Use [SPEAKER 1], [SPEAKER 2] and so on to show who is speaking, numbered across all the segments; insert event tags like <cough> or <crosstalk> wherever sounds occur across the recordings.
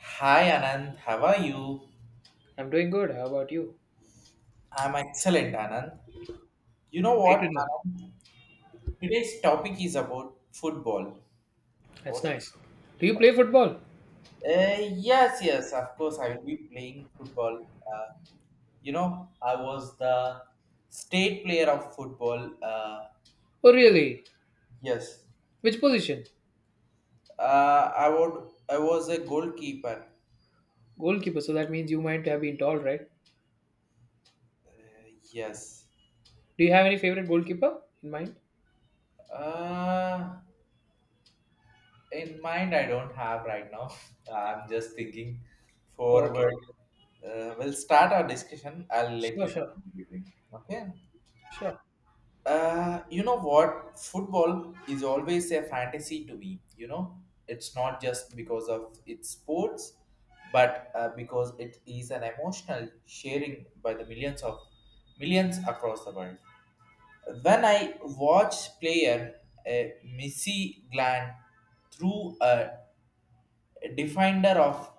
[SPEAKER 1] Hi Anand, how are you?
[SPEAKER 2] I'm doing good. How about you?
[SPEAKER 1] I'm excellent, Anand. You know
[SPEAKER 2] Great
[SPEAKER 1] what,
[SPEAKER 2] to know.
[SPEAKER 1] Anand? Today's topic is about football. What
[SPEAKER 2] That's
[SPEAKER 1] is-
[SPEAKER 2] nice. Do you play football?
[SPEAKER 1] Uh, yes, yes, of course, I will be playing football. Uh, you know, I was the state player of football.
[SPEAKER 2] Oh, really?
[SPEAKER 1] Yes.
[SPEAKER 2] Which position?
[SPEAKER 1] I would. I was a goalkeeper.
[SPEAKER 2] Goalkeeper. So that means you might have been tall, right?
[SPEAKER 1] Uh, yes.
[SPEAKER 2] Do you have any favorite goalkeeper in mind?
[SPEAKER 1] Uh, in mind I don't have right now. <laughs> I'm just thinking
[SPEAKER 2] Okay.
[SPEAKER 1] forward. We'll start our discussion. I'll let
[SPEAKER 2] Sure,
[SPEAKER 1] you know
[SPEAKER 2] sure,
[SPEAKER 1] in between. Okay.
[SPEAKER 2] sure.
[SPEAKER 1] You know what, football is always a fantasy to me. It's not just because of its sports, but because it is an emotional sharing by the millions of millions across the world. When I watch player, Messi gland through a defender of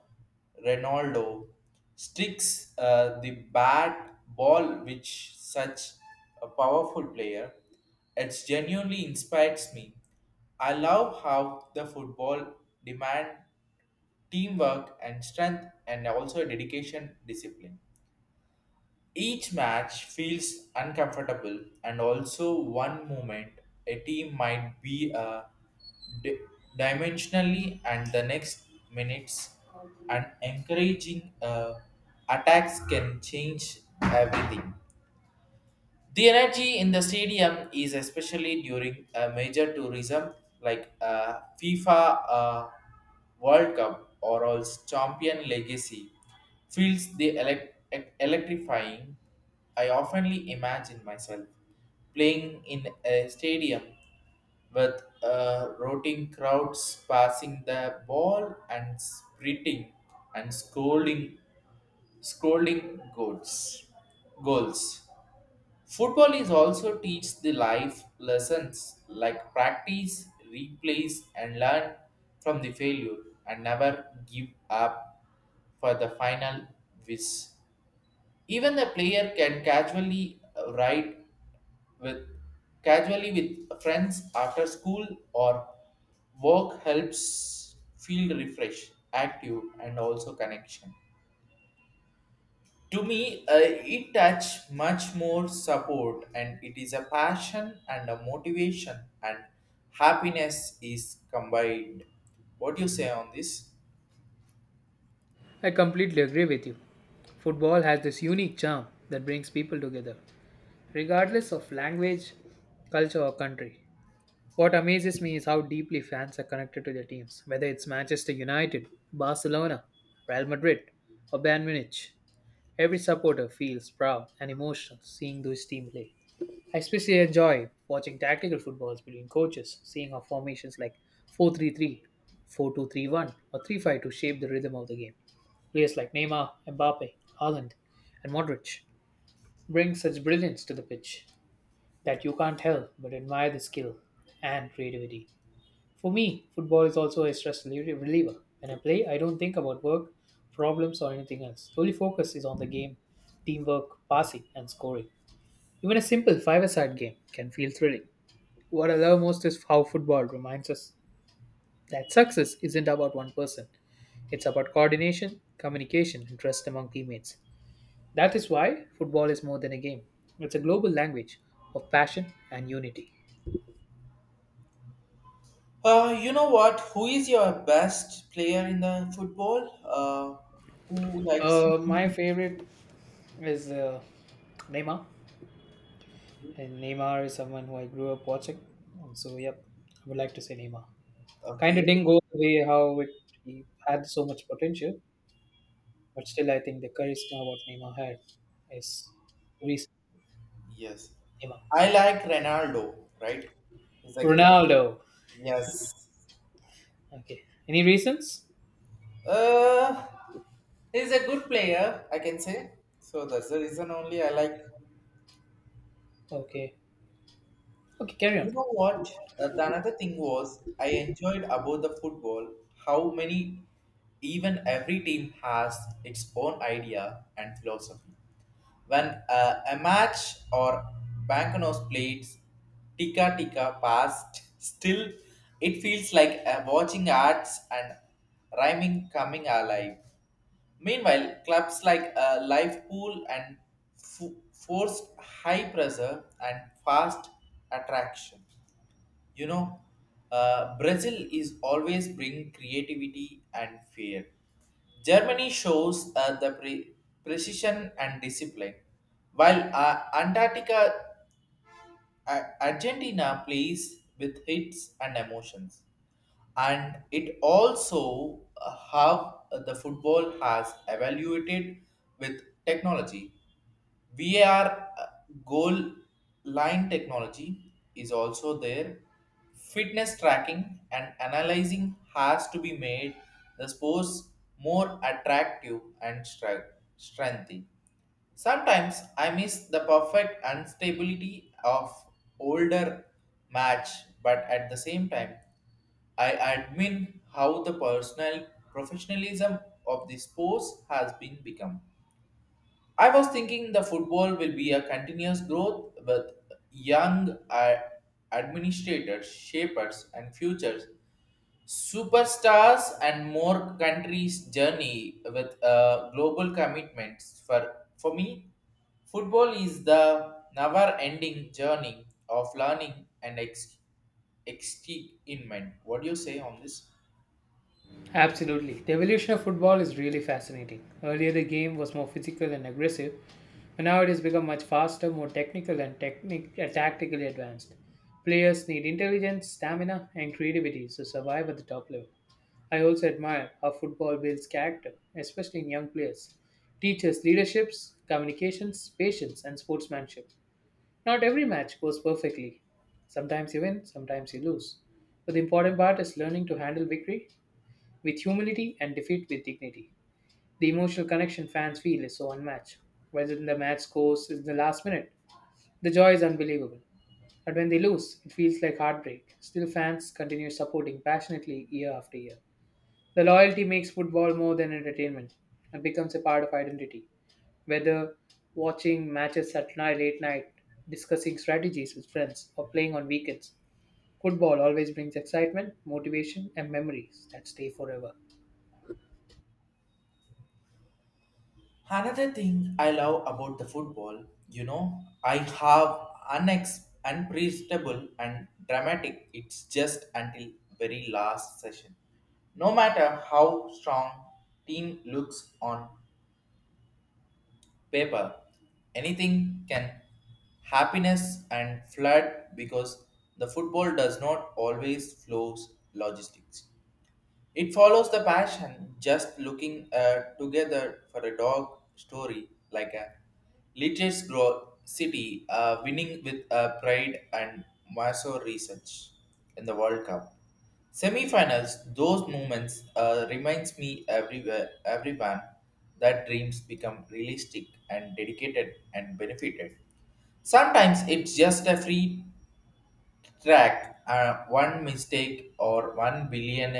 [SPEAKER 1] Ronaldo, sticks the bat ball, which such a powerful player. It genuinely inspires me. I love how the football demand teamwork and strength and also dedication discipline. Each match feels uncomfortable, and also one moment a team might be di- dimensionally, and the next minutes, and encouraging attacks can change everything. The energy in the stadium is especially during a major tourism like FIFA World Cup or all champion legacy feels the electrifying. I oftenly imagine myself playing in a stadium with rotting crowds passing the ball and sprinting and scolding goals. Football is also teach the life lessons like practice, replace and learn from the failure and never give up for the final wish. Even the player can casually ride with casually with friends after school or work helps feel refreshed, active and also connection. To me, it touch much more support, and it is a passion and a motivation, and happiness is combined. What do you say on this?
[SPEAKER 2] I completely agree with you. Football has this unique charm that brings people together, regardless of language, culture, or country. What amazes me is how deeply fans are connected to their teams, whether it's Manchester United, Barcelona, Real Madrid, or Bayern Munich. Every supporter feels proud and emotional seeing those team play. I especially enjoy watching tactical footballs between coaches, seeing how formations like 4-3-3, 4-2-3-1 or 3-5-2 shape the rhythm of the game. Players like Neymar, Mbappe, Haaland and Modric bring such brilliance to the pitch that you can't help but admire the skill and creativity. For me, football is also a stress reliever. When I play, I don't think about work, problems, or anything else. The only focus is on the game, teamwork, passing, and scoring. Even a simple five-a-side game can feel thrilling. What I love most is how football reminds us that success isn't about one person. It's about coordination, communication, and trust among teammates. That is why football is more than a game. It's a global language of passion and unity.
[SPEAKER 1] You know what? Who is your best player in the football? Who likes?
[SPEAKER 2] My favorite is Neymar. And Neymar is someone who I grew up watching. And so, yep, I would like to say Neymar. Kind
[SPEAKER 1] Okay,
[SPEAKER 2] of didn't go the way how it he had so much potential, but still, I think the charisma what Neymar had is recent
[SPEAKER 1] yes,
[SPEAKER 2] Neymar.
[SPEAKER 1] I like Ronaldo. Right? He's like
[SPEAKER 2] Ronaldo.
[SPEAKER 1] yes.
[SPEAKER 2] Okay. Any reasons?
[SPEAKER 1] Uh, he's a good player, I can say. So that's the reason only I like.
[SPEAKER 2] Okay. Okay, carry on.
[SPEAKER 1] You know what? The another thing was I enjoyed about the football, how many even every team has its own idea and philosophy. When a match or Bancanos plays Tika Tika past, still it feels like watching arts and rhyming coming alive. Meanwhile, clubs like Life Pool and Forced High Pressure and Fast Attraction. you know, Brazil is always bring creativity and fear. Germany shows the precision and discipline, while Antarctica, Argentina plays with hits and emotions. And it also, how the football has evaluated with technology. VAR, goal line technology is also there. Fitness tracking and analyzing has to be made the sports more attractive and strengthy. Sometimes I miss the perfect instability of older match, but at the same time, I admire how the personal professionalism of the sports has been become. I was thinking the football will be a continuous growth with young administrators, shapers, and futures superstars, and more countries' journey with global commitments. For me, football is the never-ending journey of learning and excitement. What do you say on this?
[SPEAKER 2] Absolutely. The evolution of football is really fascinating. Earlier, the game was more physical and aggressive, but now it has become much faster, more technical, and tactically advanced. Players need intelligence, stamina, and creativity to survive at the top level. I also admire how football builds character, especially in young players. Teaches leaderships, communications, patience, and sportsmanship. Not every match goes perfectly. Sometimes you win, sometimes you lose. But the important part is learning to handle victory with humility and defeat with dignity. The emotional connection fans feel is so unmatched. Whether the match scores in the last minute, the joy is unbelievable. But when they lose, it feels like heartbreak. Still, fans continue supporting passionately year after year. The loyalty makes football more than entertainment and becomes a part of identity. Whether watching matches at night, late night, discussing strategies with friends, or playing on weekends, football always brings excitement, motivation, and memories that stay forever.
[SPEAKER 1] Another thing I love about the football, you know, I have unpredictable and dramatic. It's just until very last session. No matter how strong team looks on paper, anything can happiness and flood, because the football does not always flows logistics. It follows the passion, just looking together for a dog story like a Literates Grow City winning with pride and Maso research in the World Cup. Semi-finals, those moments reminds me everywhere, everyone that dreams become realistic and dedicated and benefited. Sometimes it's just a free track, one mistake or one billion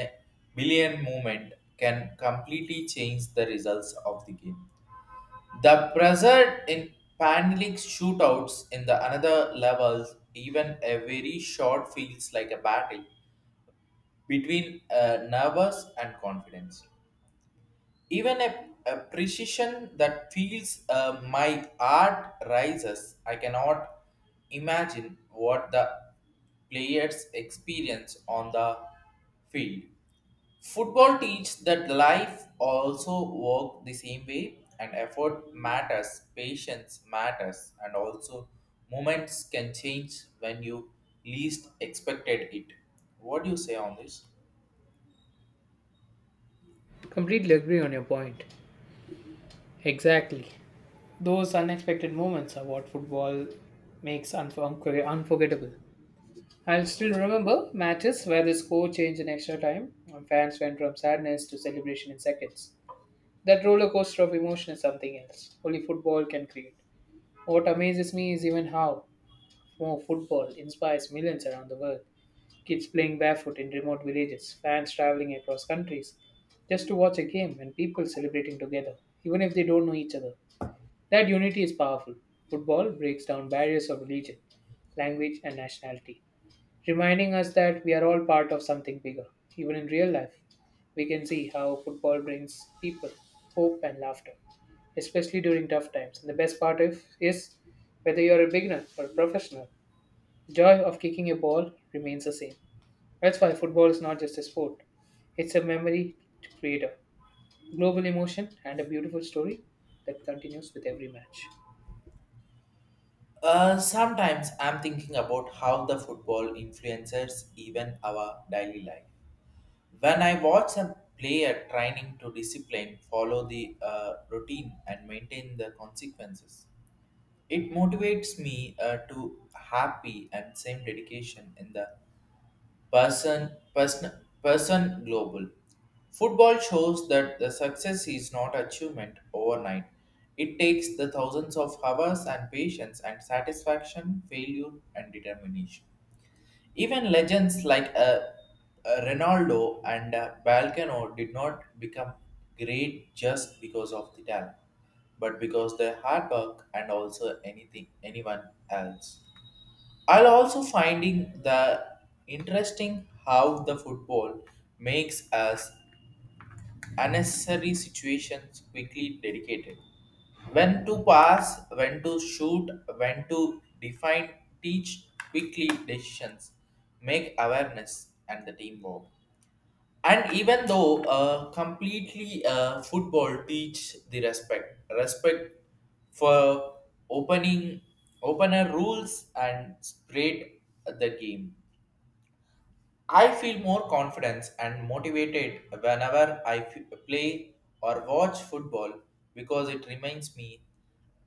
[SPEAKER 1] billion movement can completely change the results of the game. The pressure in panic shootouts in the another levels, even a very short feels like a battle between nervous and confidence. Even a precision that feels my art rises. I cannot imagine what the players experience on the field. Football teaches that life also work the same way, and effort matters, patience matters, and also moments can change when you least expected it. What do you say on this?
[SPEAKER 2] Completely agree on your point. Exactly. Those unexpected moments are what football makes unforgettable. I'll still remember matches where the score changed in extra time and fans went from sadness to celebration in seconds. That roller coaster of emotion is something else. Only football can create. What amazes me is even how more football inspires millions around the world. Kids playing barefoot in remote villages, fans traveling across countries just to watch a game, and people celebrating together, even if they don't know each other. That unity is powerful. Football breaks down barriers of religion, language, and nationality, reminding us that we are all part of something bigger. Even in real life, we can see how football brings people hope and laughter, especially during tough times. And the best part of, is whether you're a beginner or a professional, the joy of kicking a ball remains the same. That's why football is not just a sport, it's a memory creator, global emotion, and a beautiful story that continues with every match.
[SPEAKER 1] Sometimes I'm thinking about how the football influences even our daily life. When I watch a player training to discipline, follow the routine, and maintain the consequences, it motivates me to happy and same dedication in the person, person, person global. Football shows that the success is not achievement overnight. It takes the thousands of hours and patience and satisfaction, failure and determination. Even legends like Ronaldo and Balcano did not become great just because of the talent, but because their hard work and also anything anyone else. I'll also finding the interesting how the football makes us unnecessary situations quickly dedicated. When to pass, when to shoot, when to define, teach quickly decisions, make awareness and the teamwork. And even though completely football teach the respect for opening opener rules and spread the game. I feel more confidence and motivated whenever I play or watch football, because it reminds me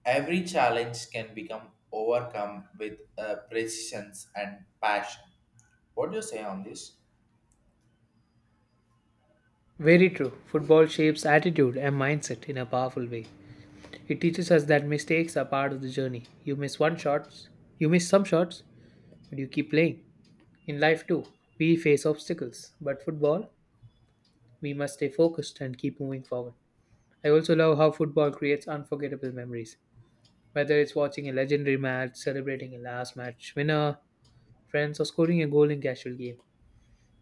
[SPEAKER 1] every challenge can become overcome with precision and passion. What do you say on this?
[SPEAKER 2] Very true. Football shapes attitude and mindset in a powerful way. It teaches us that mistakes are part of the journey. You miss one shots, you miss some shots, but you keep playing. In life too, we face obstacles, but football, we must stay focused and keep moving forward. I also love how football creates unforgettable memories. Whether it's watching a legendary match, celebrating a last match winner, friends, or scoring a goal in casual game.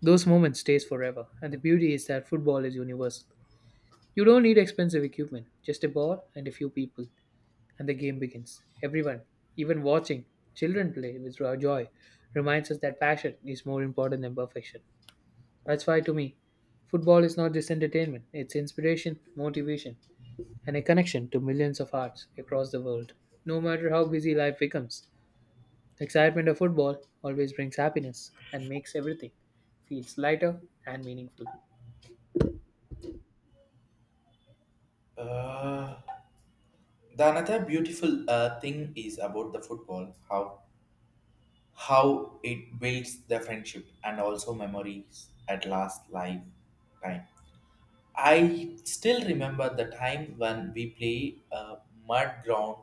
[SPEAKER 2] Those moments stays forever, and the beauty is that football is universal. You don't need expensive equipment, just a ball and a few people, and the game begins. Everyone, even watching children play with joy, reminds us that passion is more important than perfection. That's why, to me, football is not just entertainment; it's inspiration, motivation, and a connection to millions of hearts across the world. No matter how busy life becomes, the excitement of football always brings happiness and makes everything feels lighter and meaningful.
[SPEAKER 1] Uh, The another beautiful thing is about the football, how it builds the friendship and also memories at last lifetime. I still remember the time when we play mud ground,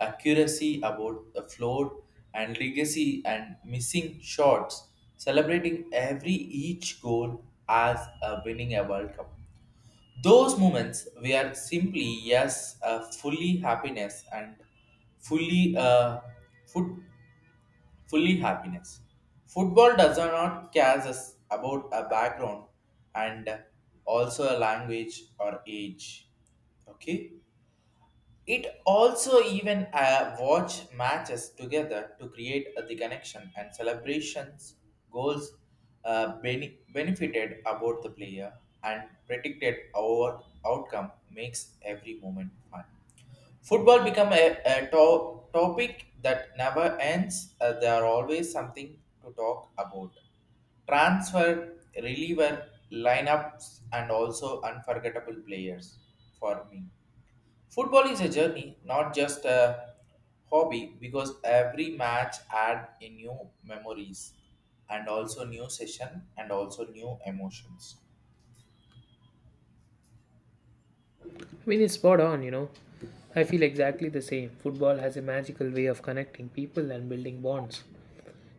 [SPEAKER 1] accuracy about the floor and legacy and missing shots, celebrating every each goal as a winning a World Cup. Those moments were simply yes, fully happiness and fully foot, fully happiness. Football does not care us about a background and also a language or age. Okay. It also even watch matches together to create the connection and celebrations goals benefited about the player and predicted our outcome makes every moment fun. Football become a topic that never ends. There are always something to talk about. Transfer, reliever, lineups, and also unforgettable players for me. Football is a journey, not just a hobby, because every match adds new memories and also new session and also new emotions.
[SPEAKER 2] I mean, it's spot on, you know. I feel exactly the same. Football has a magical way of connecting people and building bonds.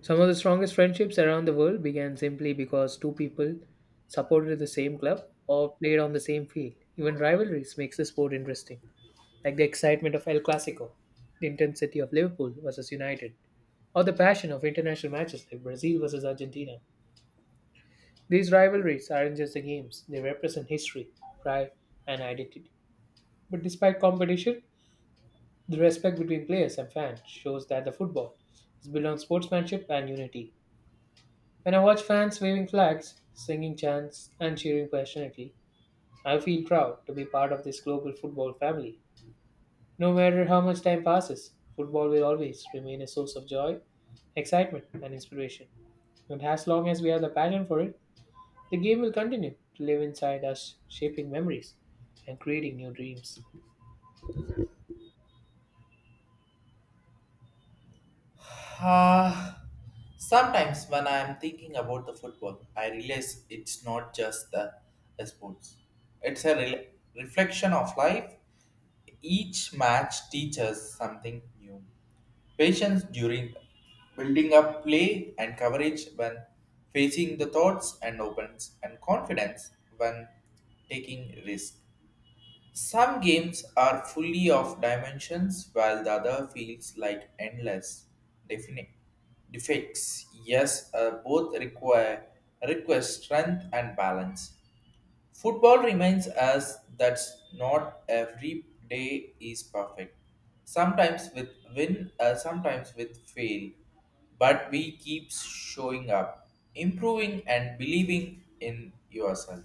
[SPEAKER 2] Some of the strongest friendships around the world began simply because two people supported the same club or played on the same field. Even rivalries makes the sport interesting, like the excitement of El Clasico, the intensity of Liverpool versus United, or the passion of international matches like Brazil versus Argentina. These rivalries aren't just the games, they represent history, pride, and identity. But despite competition, the respect between players and fans shows that the football is built on sportsmanship and unity. When I watch fans waving flags, singing chants, and cheering passionately, I feel proud to be part of this global football family. No matter how much time passes, football will always remain a source of joy, excitement, and inspiration. And as long as we have the passion for it, the game will continue to live inside us, shaping memories and creating new dreams.
[SPEAKER 1] Ah, sometimes when I am thinking about the football, I realize it's not just the sports. It's a reflection of life. Each match teaches something new. Patience during building up play and coverage when facing the thoughts and opens and confidence when taking risk. Some games are fully of dimensions while the other feels like endless definite defects. Yes, both require request strength and balance. Football reminds us that not every day is perfect. Sometimes with win, sometimes with fail, but we keep showing up, improving and believing in yourself.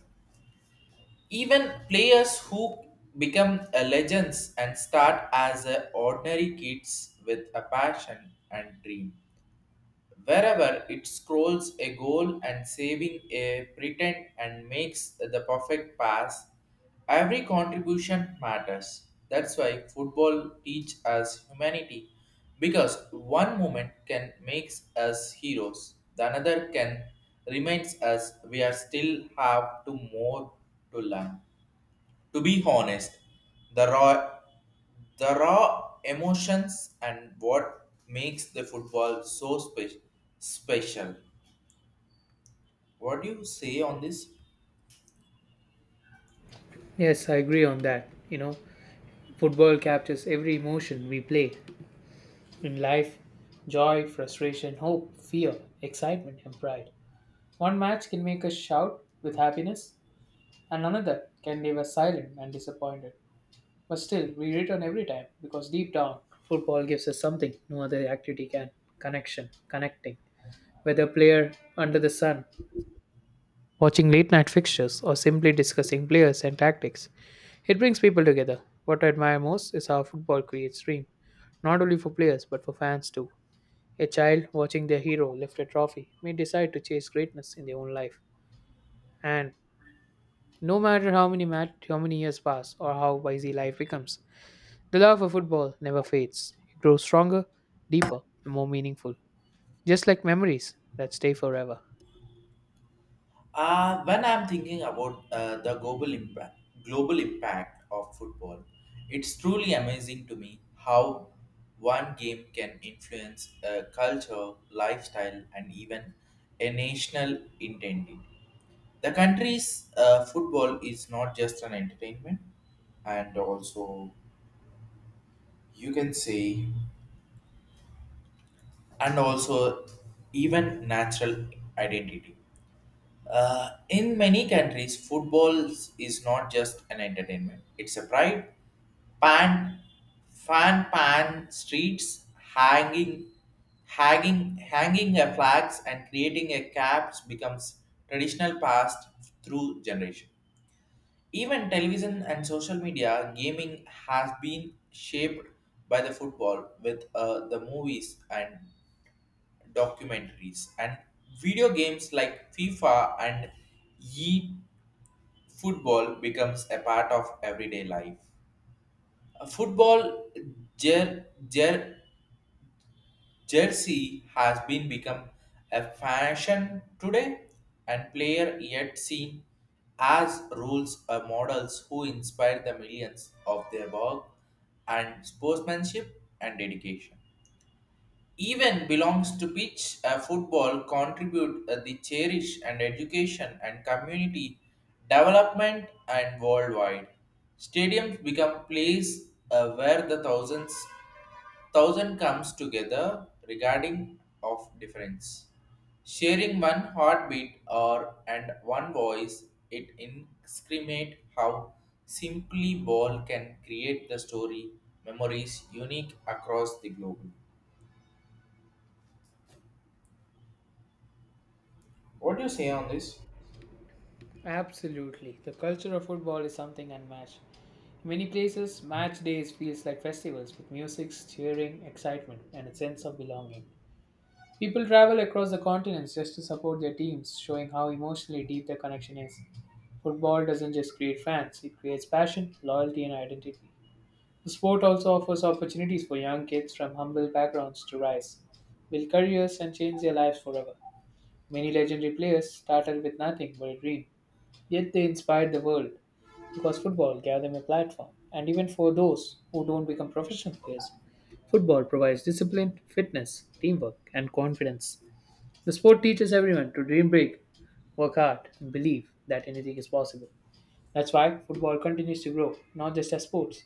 [SPEAKER 1] Even players who become a legends and start as a ordinary kids with a passion and dream. Wherever it scrolls a goal and saving a pretend and makes the perfect pass, every contribution matters. That's why football teach us humanity, because one moment can make us heroes, the another can reminds us we are still have to more to learn. To be honest, the raw, the raw emotions and what makes the football so special. What do you say on this?
[SPEAKER 2] Yes, I agree on that. You know, football captures every emotion we play in life joy, frustration, hope, fear, excitement, and pride. One match can make us shout with happiness, and another can leave us silent and disappointed. But still, we return every time because deep down, football gives us something no other activity can connection, connecting. Whether player under the sun watching late night fixtures, or simply discussing players and tactics. It brings people together. What I admire most is how football creates dream, not only for players but for fans too. A child watching their hero lift a trophy may decide to chase greatness in their own life. And no matter how many years pass or how busy life becomes, the love for football never fades. It grows stronger, deeper, and more meaningful. Just like memories that stay forever.
[SPEAKER 1] When I'm thinking about the global impact of football, it's truly amazing to me how one game can influence a culture, lifestyle, and even a national identity. The country's football is not just an entertainment, and also you can say, and also even natural identity. In many countries, football is not just an entertainment. It's a pride. Pan, fan, pan streets, hanging a flags and creating a caps becomes traditional past through generation. Even television and social media gaming has been shaped by the football with the movies and documentaries and video games like FIFA and e football becomes a part of everyday life. A football jer- jer- jersey has been become a fashion today and player yet seen as rules or models who inspire the millions of their work and sportsmanship and dedication. Even belongs to pitch football contribute the cherish and education and community development and worldwide stadiums become place where the thousands thousand comes together regarding of difference, sharing one heartbeat or and one voice. It incriminate how simply ball can create the story memories unique across the globe. What do you say on this? <sighs>
[SPEAKER 2] Absolutely. The culture of football is something unmatched. Many places, match days feels like festivals with music, cheering, excitement, and a sense of belonging. People travel across the continents just to support their teams, showing how emotionally deep their connection is. Football doesn't just create fans, it creates passion, loyalty, and identity. The sport also offers opportunities for young kids from humble backgrounds to rise, build careers, and change their lives forever. Many legendary players started with nothing but a dream. Yet they inspired the world because football gave them a platform. And even for those who don't become professional players, football provides discipline, fitness, teamwork, and confidence. The sport teaches everyone to dream big, work hard, and believe that anything is possible. That's why football continues to grow, not just as sports,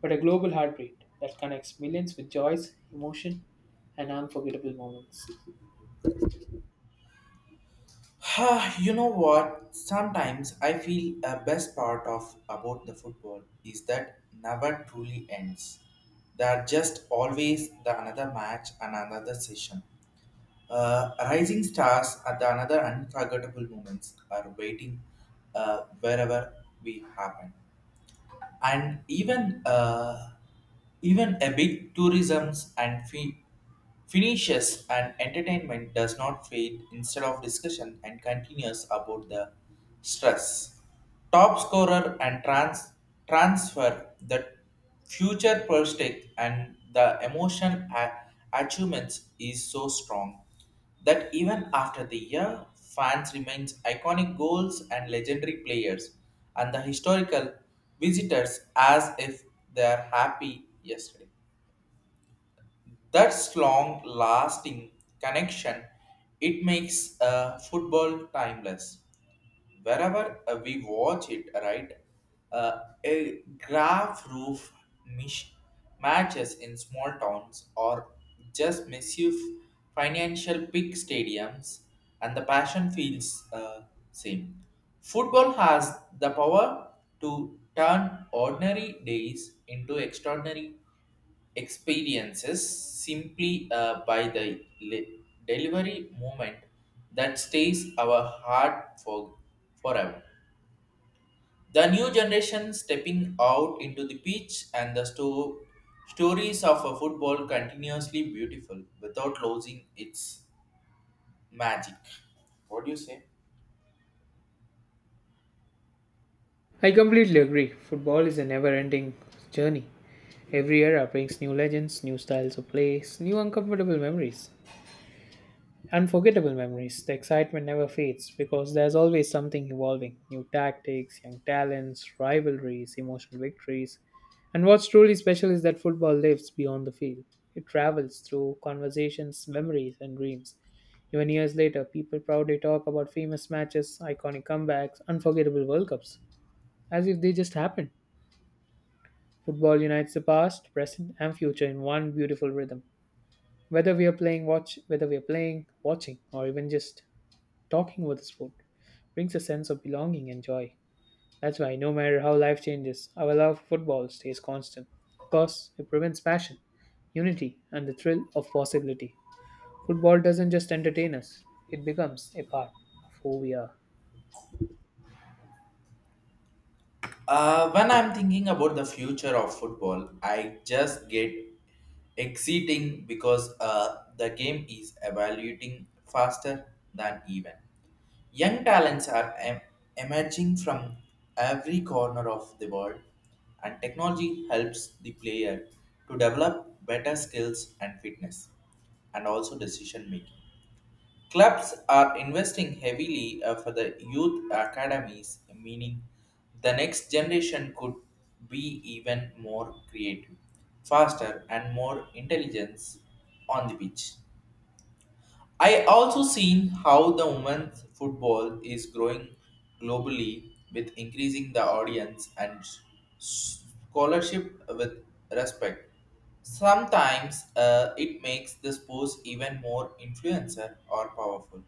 [SPEAKER 2] but a global heartbeat that connects millions with joys, emotion, and unforgettable moments.
[SPEAKER 1] Ah, you know what? Sometimes I feel a best part of about the football is that never truly ends. There are just always the another match and another session. Rising stars at the another unforgettable moments are waiting wherever we happen. And even even a big tourisms and fee finishes and entertainment does not fade instead of discussion and continues about the stress top scorer and transfer the future prospect and the emotion achievements is so strong that even after the year, fans remains iconic goals and legendary players and the historical visitors as if they are happy yesterday. That's long lasting connection. It makes football timeless. Wherever we watch it, right? A graph roof mish- matches in small towns or just massive financial big stadiums, and the passion feels same. Football has the power to turn ordinary days into extraordinary experiences simply by the delivery moment that stays our heart for forever. The new generation stepping out into the pitch and the stories of a football continuously beautiful without losing its magic. What do you say?
[SPEAKER 2] I completely agree. Football is a never ending journey. Every era brings new legends, new styles of plays, new unforgettable memories. The excitement never fades because there's always something evolving new tactics, young talents, rivalries, emotional victories. And what's truly special is that football lives beyond the field. It travels through conversations, memories, and dreams. Even years later, people proudly talk about famous matches, iconic comebacks, unforgettable World Cups, as if they just happened. Football unites the past, present, and future in one beautiful rhythm. Whether we are playing, watching, or even just talking about the sport brings a sense of belonging and joy. That's why no matter how life changes, our love for football stays constant, because it prevents passion, unity and the thrill of possibility. Football doesn't just entertain us, it becomes a part of who we are.
[SPEAKER 1] When I'm thinking about the future of football, I just get exciting because the game is evaluating faster than even. Young talents are emerging from every corner of the world, and technology helps the player to develop better skills and fitness, and also decision making. Clubs are investing heavily for the youth academies, meaning the next generation could be even more creative, faster, and more intelligence on the pitch. I also seen how the women's football is growing globally with increasing the audience and scholarship with respect. Sometimes it makes the sports even more influencer or powerful.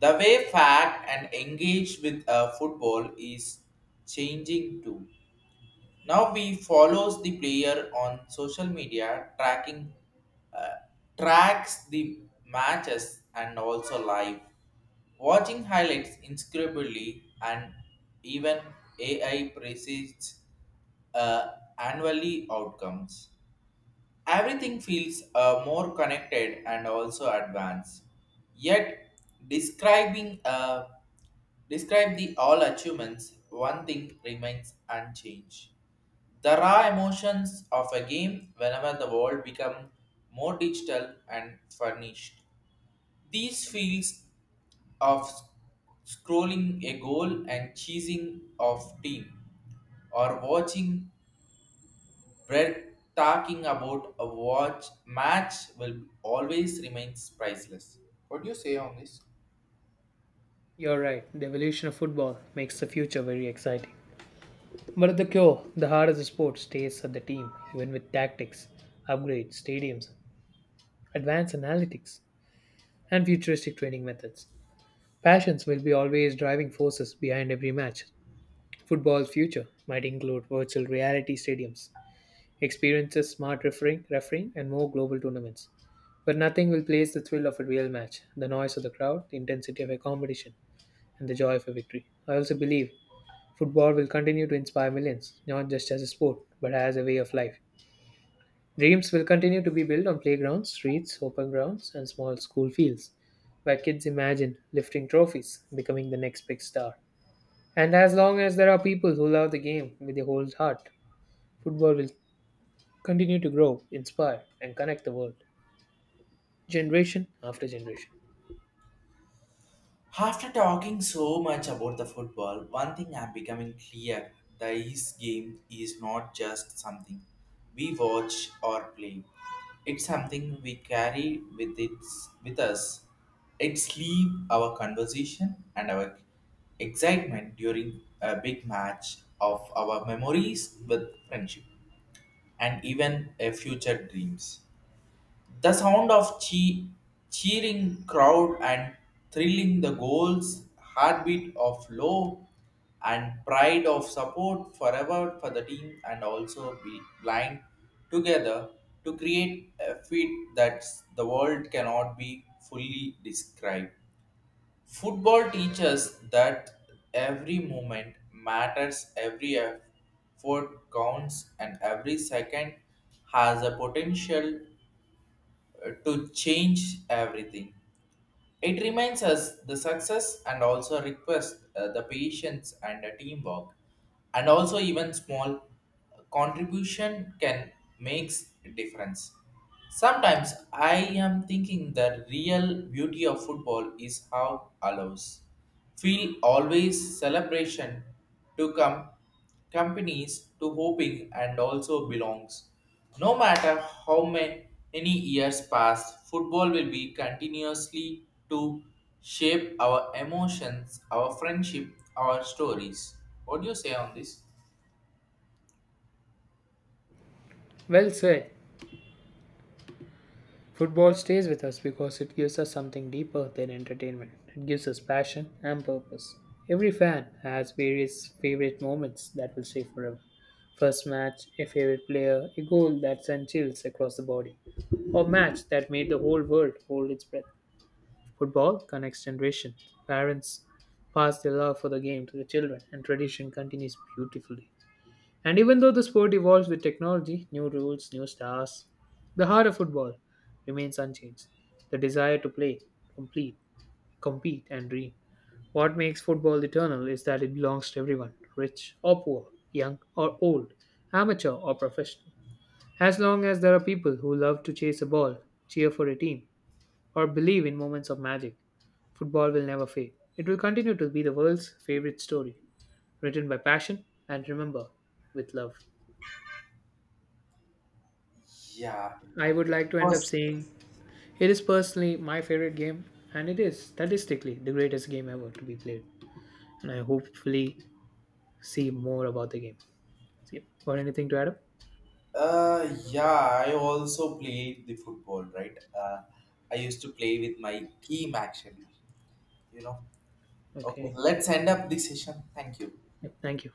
[SPEAKER 1] The way fact and engage with football is changing too. Now we follows the player on social media, tracking uh, tracks the matches and also live, watching highlights inscribably and even AI precedes uh, annually outcomes. Everything feels more connected and also advanced. Yet, describing describe the all achievements, one thing remains unchanged. The raw emotions of a game whenever the world become more digital and furnished. These feels of scrolling a goal and cheesing of team or watching Brett talking about a watch match will always remains priceless. What do you say on this?
[SPEAKER 2] You're right, the evolution of football makes the future very exciting, but at the core, the heart of the sport stays at the team, even with tactics, upgrades, stadiums, advanced analytics, and futuristic training methods. Passions will be always driving forces behind every match. Football's future might include virtual reality stadiums, experiences, smart refereeing, and more global tournaments. But nothing will place the thrill of a real match, the noise of the crowd, the intensity of a competition, and the joy of a victory. I also believe football will continue to inspire millions, not just as a sport, but as a way of life. Dreams will continue to be built on playgrounds, streets, open grounds, and small school fields, where kids imagine lifting trophies, becoming the next big star. And as long as there are people who love the game with a whole heart, football will continue to grow, inspire, and connect the world, generation after generation.
[SPEAKER 1] After talking so much about the football, one thing I'm becoming clear this game is not just something we watch or play. It's something we carry with its with us. It sleep our conversation and our excitement during a big match of our memories with friendship. And even a future dreams. The sound of cheering crowd and thrilling the goals, heartbeat of low and pride of support forever for the team and also be blind together to create a feat that the world cannot be fully described. Football teaches that every moment matters, every effort counts, and every second has a potential to change everything. It reminds us the success and also request the patience and the teamwork, and also even small contribution can makes difference. Sometimes I am thinking the real beauty of football is how allows feel always celebration to come companies to hoping and also belongs. No matter how many years pass, football will be continuously to shape our emotions, our friendship, our stories. What do you say on this?
[SPEAKER 2] Well said. Football stays with us because it gives us something deeper than entertainment. It gives us passion and purpose. Every fan has various favorite moments that will stay forever. First match, a favorite player, a goal that sent chills across the body, or match that made the whole world hold its breath. Football connects generations. Parents pass their love for the game to the children, and tradition continues beautifully. And even though the sport evolves with technology, new rules, new stars, the heart of football remains unchanged. The desire to play, complete, compete, and dream. What makes football eternal is that it belongs to everyone, rich or poor, young or old, amateur or professional. As long as there are people who love to chase a ball, cheer for a team, or believe in moments of magic, football will never fade. It will continue to be the world's favorite story, written by passion and remember with love.
[SPEAKER 1] Yeah,
[SPEAKER 2] I would like to end up
[SPEAKER 1] because
[SPEAKER 2] saying it is personally my favorite game, and it is statistically the greatest game ever to be played. And I hopefully see more about the game. So, yeah. Got anything to add up?
[SPEAKER 1] yeah, I also played the football, right? I used to play with my team actually. You know. Okay,
[SPEAKER 2] Okay.
[SPEAKER 1] let's end up this session. Thank you.
[SPEAKER 2] Yep. Thank you.